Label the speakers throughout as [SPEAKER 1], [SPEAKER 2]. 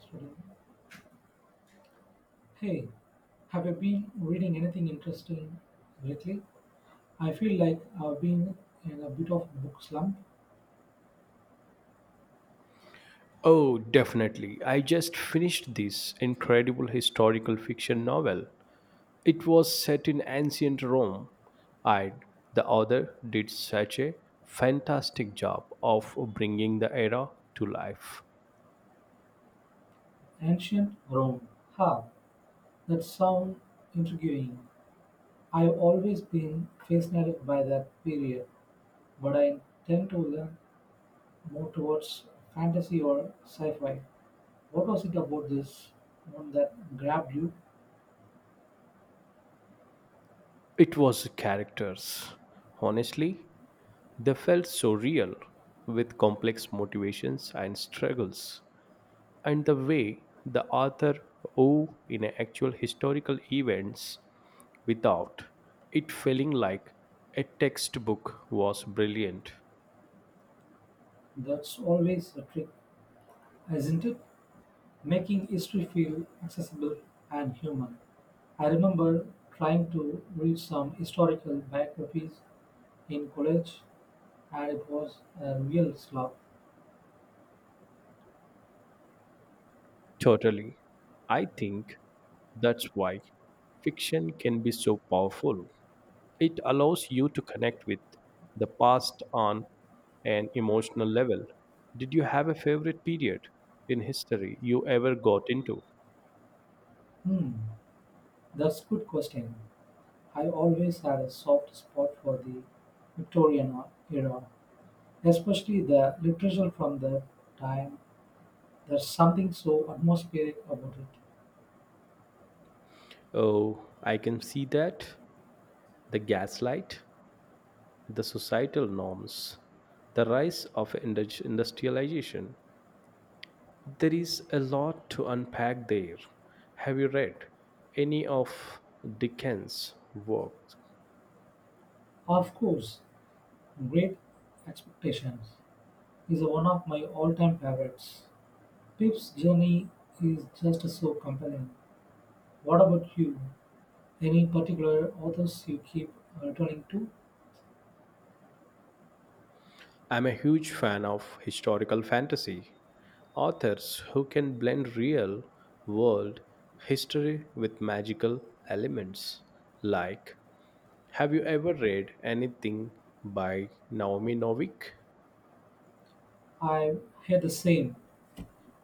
[SPEAKER 1] Student, hey, have you been reading anything interesting lately? I feel like I've been in a bit of book slump.
[SPEAKER 2] Oh, definitely. I just finished this incredible historical fiction novel. It was set in ancient Rome, and the author did such a fantastic job of bringing the era to life.
[SPEAKER 1] Ancient Rome. Ha, that sounds intriguing. I've always been fascinated by that period, but I tend to lean more towards fantasy or sci-fi. What was it about this one that grabbed you?
[SPEAKER 2] It was characters. Honestly, they felt so real, with complex motivations and struggles. And the way the author wove in actual historical events without it feeling like a textbook was brilliant.
[SPEAKER 1] That's always a trick, isn't it? Making history feel accessible and human. I remember trying to read some historical biographies in college, and it was a real slog.
[SPEAKER 2] Totally. I think that's why fiction can be so powerful. It allows you to connect with the past on an emotional level. Did you have a favorite period in history you ever got into?
[SPEAKER 1] Hmm, that's good question. I always had a soft spot for the Victorian era, especially the literature from that time. There's something so atmospheric about it.
[SPEAKER 2] Oh, I can see that. The gaslight, the societal norms, the rise of industrialization. There is a lot to unpack there. Have you read any of Dickens' works?
[SPEAKER 1] Of course, Great Expectations is one of my all-time favorites. Pip's journey is just so compelling. What about you? Any particular authors you keep returning to?
[SPEAKER 2] I'm a huge fan of historical fantasy authors who can blend real world history with magical elements. Like, have you ever read anything by Naomi Novik?
[SPEAKER 1] I've had the same,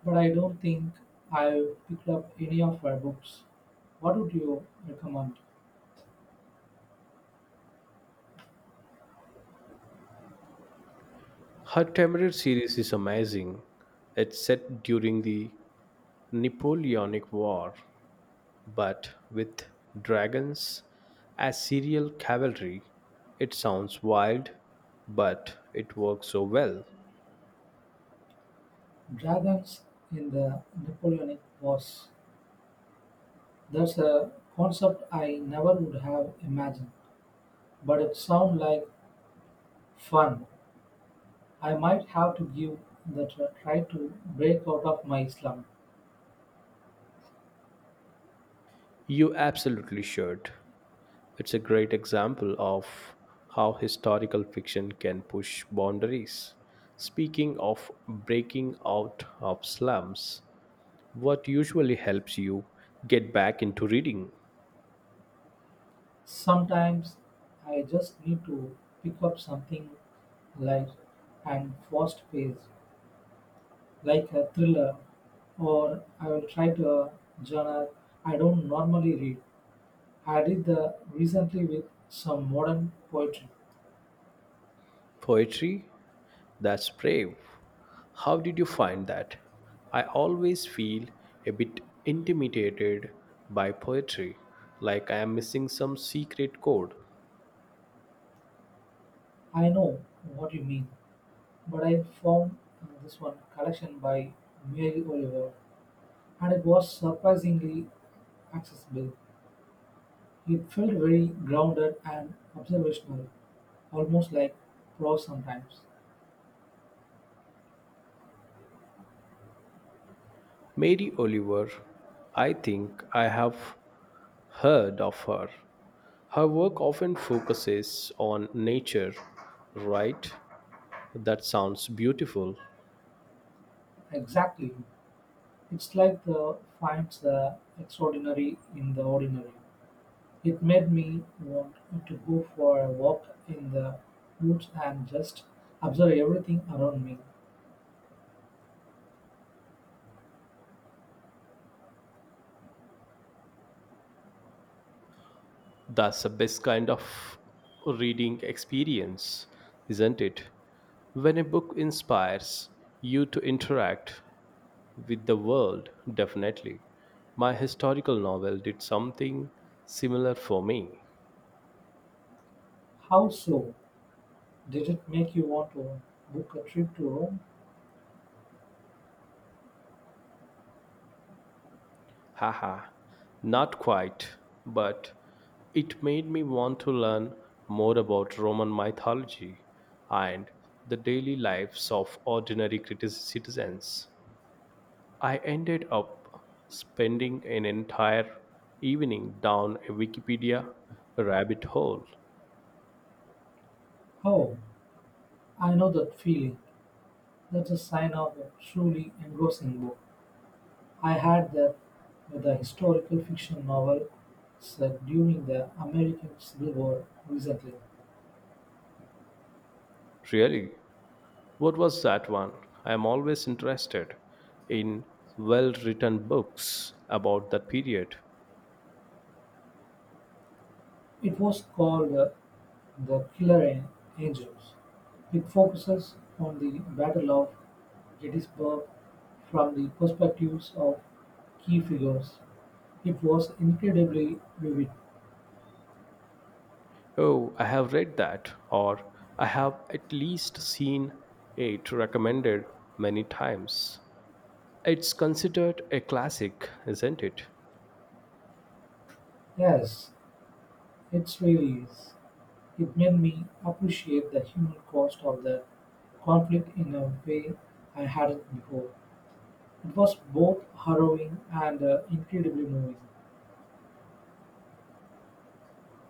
[SPEAKER 1] but I don't think I've picked up any of her books. What would you recommend?
[SPEAKER 2] Her Temperate series is amazing. It's set during the Napoleonic War, but with dragons as serial cavalry. It sounds wild, but it works so well.
[SPEAKER 1] Dragons in the Napoleonic Wars. That's a concept I never would have imagined, but it sounds like fun. I might have to give that a try to break out of my slump.
[SPEAKER 2] You absolutely should. It's a great example of how historical fiction can push boundaries. Speaking of breaking out of slums, what usually helps you get back into reading?
[SPEAKER 1] Sometimes I just need to pick up something light and fast paced, like a thriller, or I will try to a genre I don't normally read. I did the recently with some modern poetry.
[SPEAKER 2] Poetry? That's brave. How did you find that? I always feel a bit intimidated by poetry, like I am missing some secret code.
[SPEAKER 1] I know what you mean, but I found this one collection by Mary Oliver and it was surprisingly accessible. It felt very grounded and observational, almost like prose sometimes.
[SPEAKER 2] Mary Oliver, I think I have heard of her. Her work often focuses on nature, right? That sounds beautiful.
[SPEAKER 1] Exactly. It's like the finds the extraordinary in the ordinary. It made me want to go for a walk in the woods and just observe everything around me.
[SPEAKER 2] That's the best kind of reading experience, isn't it? When a book inspires you to interact with the world, definitely. My historical novel did something similar for me.
[SPEAKER 1] How so? Did it make you want to book a trip to Rome?
[SPEAKER 2] Haha, not quite, but it made me want to learn more about Roman mythology and the daily lives of ordinary citizens. I ended up spending an entire evening down a Wikipedia rabbit hole.
[SPEAKER 1] Oh, I know that feeling. That's a sign of a truly engrossing book. I had that with a historical fiction novel set during the American Civil War recently.
[SPEAKER 2] Really? What was that one? I am always interested in well written books about that period.
[SPEAKER 1] It was called "The Angels"; it focuses on the Battle of Gettysburg from the perspectives of key figures. It was incredibly vivid.
[SPEAKER 2] Oh, I have read that, or I have at least seen it recommended many times. It's considered a classic, isn't it?
[SPEAKER 1] Yes, it really is. It made me appreciate the human cost of the conflict in a way I hadn't before. It was both harrowing and incredibly moving.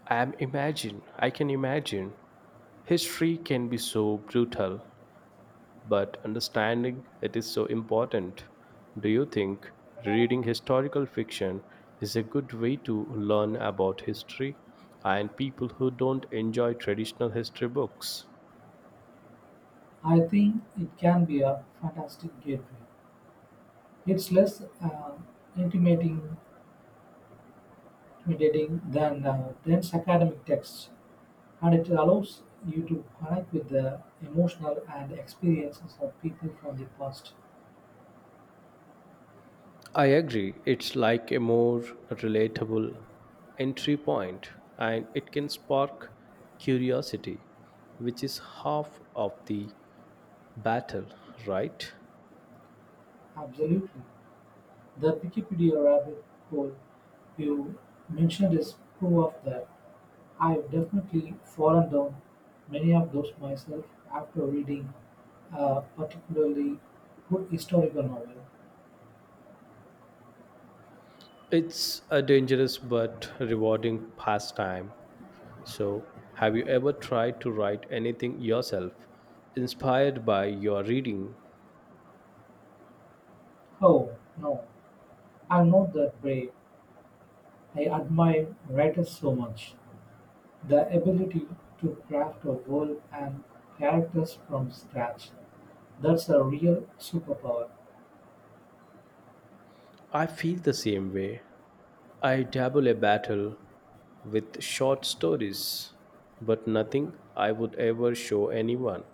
[SPEAKER 2] I can imagine. History can be so brutal but understanding it is so important. Do you think reading historical fiction is a good way to learn about history and people who don't enjoy traditional history books?
[SPEAKER 1] I think it can be a fantastic gateway. It's less intimidating intimidating than dense academic texts, and it allows you to connect with the emotional and experiences of people from the past.
[SPEAKER 2] I agree, it's like a more relatable entry point, and it can spark curiosity, which is half of the battle, right?
[SPEAKER 1] Absolutely. The Wikipedia rabbit hole you mentioned is proof of that. I've definitely fallen down many of those myself after reading a particularly good historical novel.
[SPEAKER 2] It's a dangerous but rewarding pastime. So, have you ever tried to write anything yourself, inspired by your reading?
[SPEAKER 1] Oh, no, I'm not that brave. I admire writers so much, the ability to craft a world and characters from scratch. That's a real superpower.
[SPEAKER 2] I feel the same way. I dabble a battle with short stories, but nothing I would ever show anyone.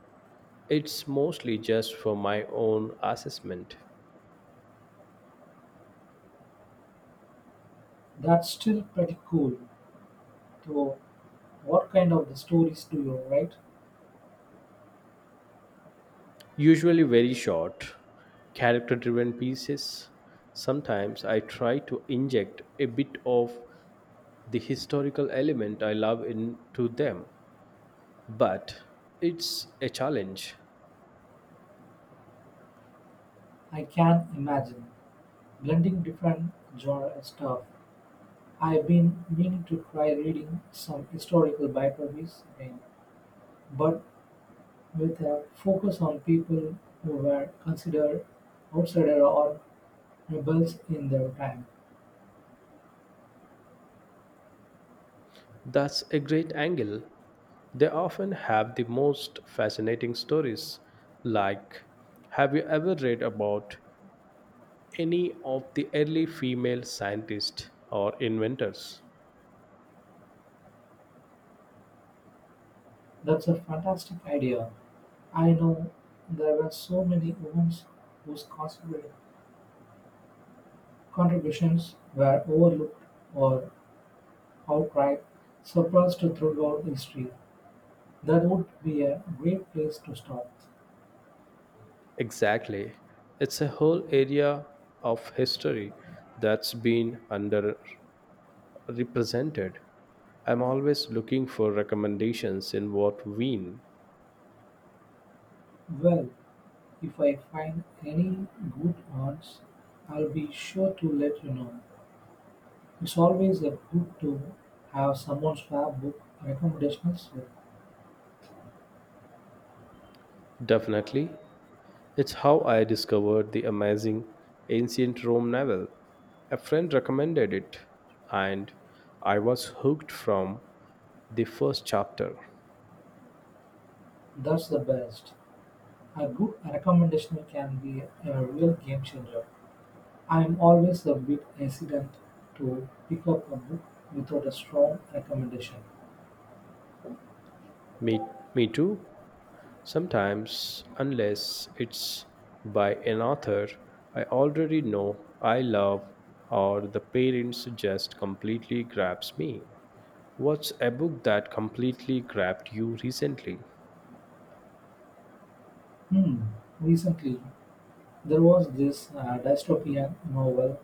[SPEAKER 2] It's mostly just for my own assessment.
[SPEAKER 1] That's still pretty cool, though. What kind of the stories do you write?
[SPEAKER 2] Usually very short, character driven pieces. Sometimes I try to inject a bit of the historical element I love into them, but it's a challenge.
[SPEAKER 1] I can imagine blending different genre and stuff. I've been meaning to try reading some historical biographies again, but with a focus on people who were considered outsider or Rebels in their time.
[SPEAKER 2] That's a great angle. They often have the most fascinating stories. Like, have you ever read about any of the early female scientists or inventors?
[SPEAKER 1] That's a fantastic idea. I know there were so many women whose contributions were overlooked or outright suppressed throughout history. That would be a great place to start.
[SPEAKER 2] Exactly. It's a whole area of history that's been underrepresented. I'm always looking for recommendations in what vein.
[SPEAKER 1] Well, if I find any good ones, I'll be sure to let you know. It's always a good to have someone's fab book recommendations.
[SPEAKER 2] Definitely. It's how I discovered the amazing ancient Rome novel. A friend recommended it, and I was hooked from the first chapter.
[SPEAKER 1] That's the best. A good recommendation can be a real game changer. I am always a bit hesitant to pick up a book without a strong recommendation.
[SPEAKER 2] Me, me too. Sometimes, unless it's by an author I already know I love, or the parents just completely grabs me. What's a book that completely grabbed you recently?
[SPEAKER 1] Hmm. Recently, there was this dystopian novel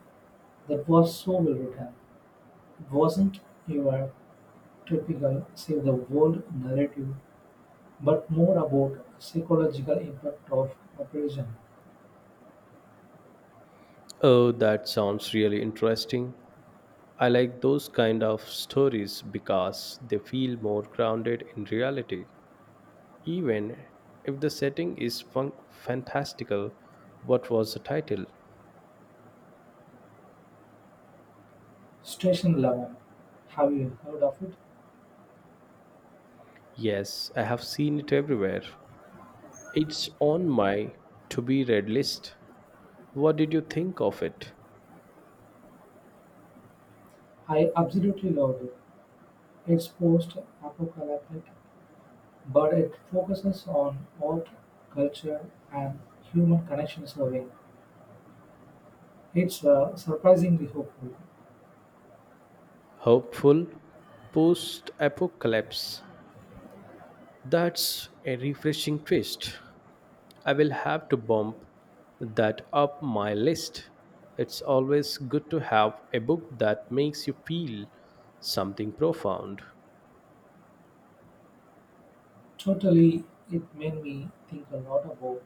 [SPEAKER 1] that was so well written. It wasn't your typical save the world narrative, but more about psychological impact of oppression.
[SPEAKER 2] Oh, that sounds really interesting. I like those kind of stories because they feel more grounded in reality. Even if the setting is fantastical, what was the title?
[SPEAKER 1] Station Eleven. Have you heard of it?
[SPEAKER 2] Yes, I have seen it everywhere. It's on my to be read list. What did you think of it?
[SPEAKER 1] I absolutely loved it. It's post-apocalyptic, but it focuses on art, culture, and human connection survey. It's surprisingly hopeful.
[SPEAKER 2] Hopeful post apocalypse. That's a refreshing twist. I will have to bump that up my list. It's always good to have a book that makes you feel something profound.
[SPEAKER 1] Totally, it made me think a lot about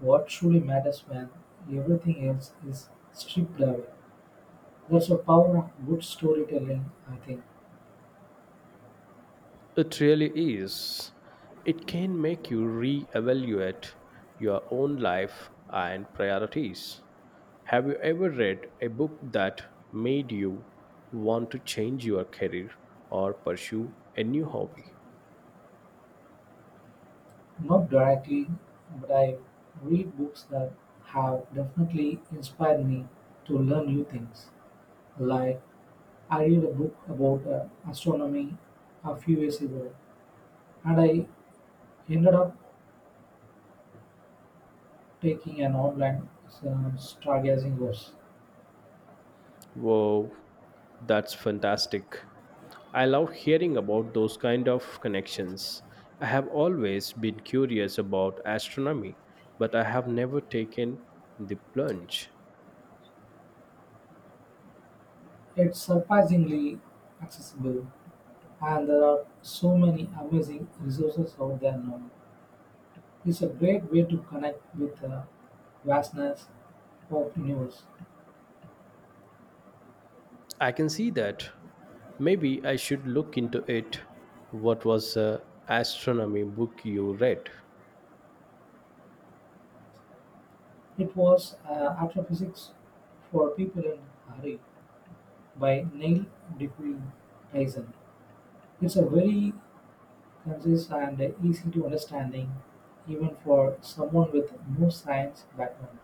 [SPEAKER 1] what truly matters when everything else is stripped away. That's the power of good storytelling, I think.
[SPEAKER 2] It really is. It can make you reevaluate your own life and priorities. Have you ever read a book that made you want to change your career or pursue a new hobby?
[SPEAKER 1] Not directly, but I read books that have definitely inspired me to learn new things, like I read a book about astronomy a few years ago, and I ended up taking an online stargazing course.
[SPEAKER 2] Wow, that's fantastic. I love hearing about those kind of connections. I have always been curious about astronomy, but I have never taken the plunge.
[SPEAKER 1] It's surprisingly accessible, and there are so many amazing resources out there now. It's a great way to connect with the vastness of universe.
[SPEAKER 2] I can see that. Maybe I should look into it. What was the astronomy book you read?
[SPEAKER 1] It was astrophysics for people in a hurry by Neil deGrasse Tyson. It's a very concise and easy to understanding even for someone with no science background.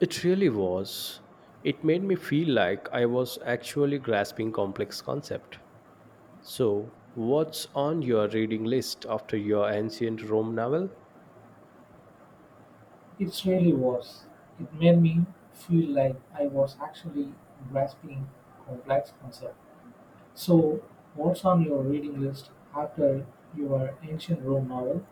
[SPEAKER 2] It really was. It made me feel like I was actually grasping complex concept. So, what's on your reading list after your ancient Rome novel?
[SPEAKER 1] It really was. It made me feel like I was actually grasping complex concept. So, what's on your reading list after your ancient Rome novel?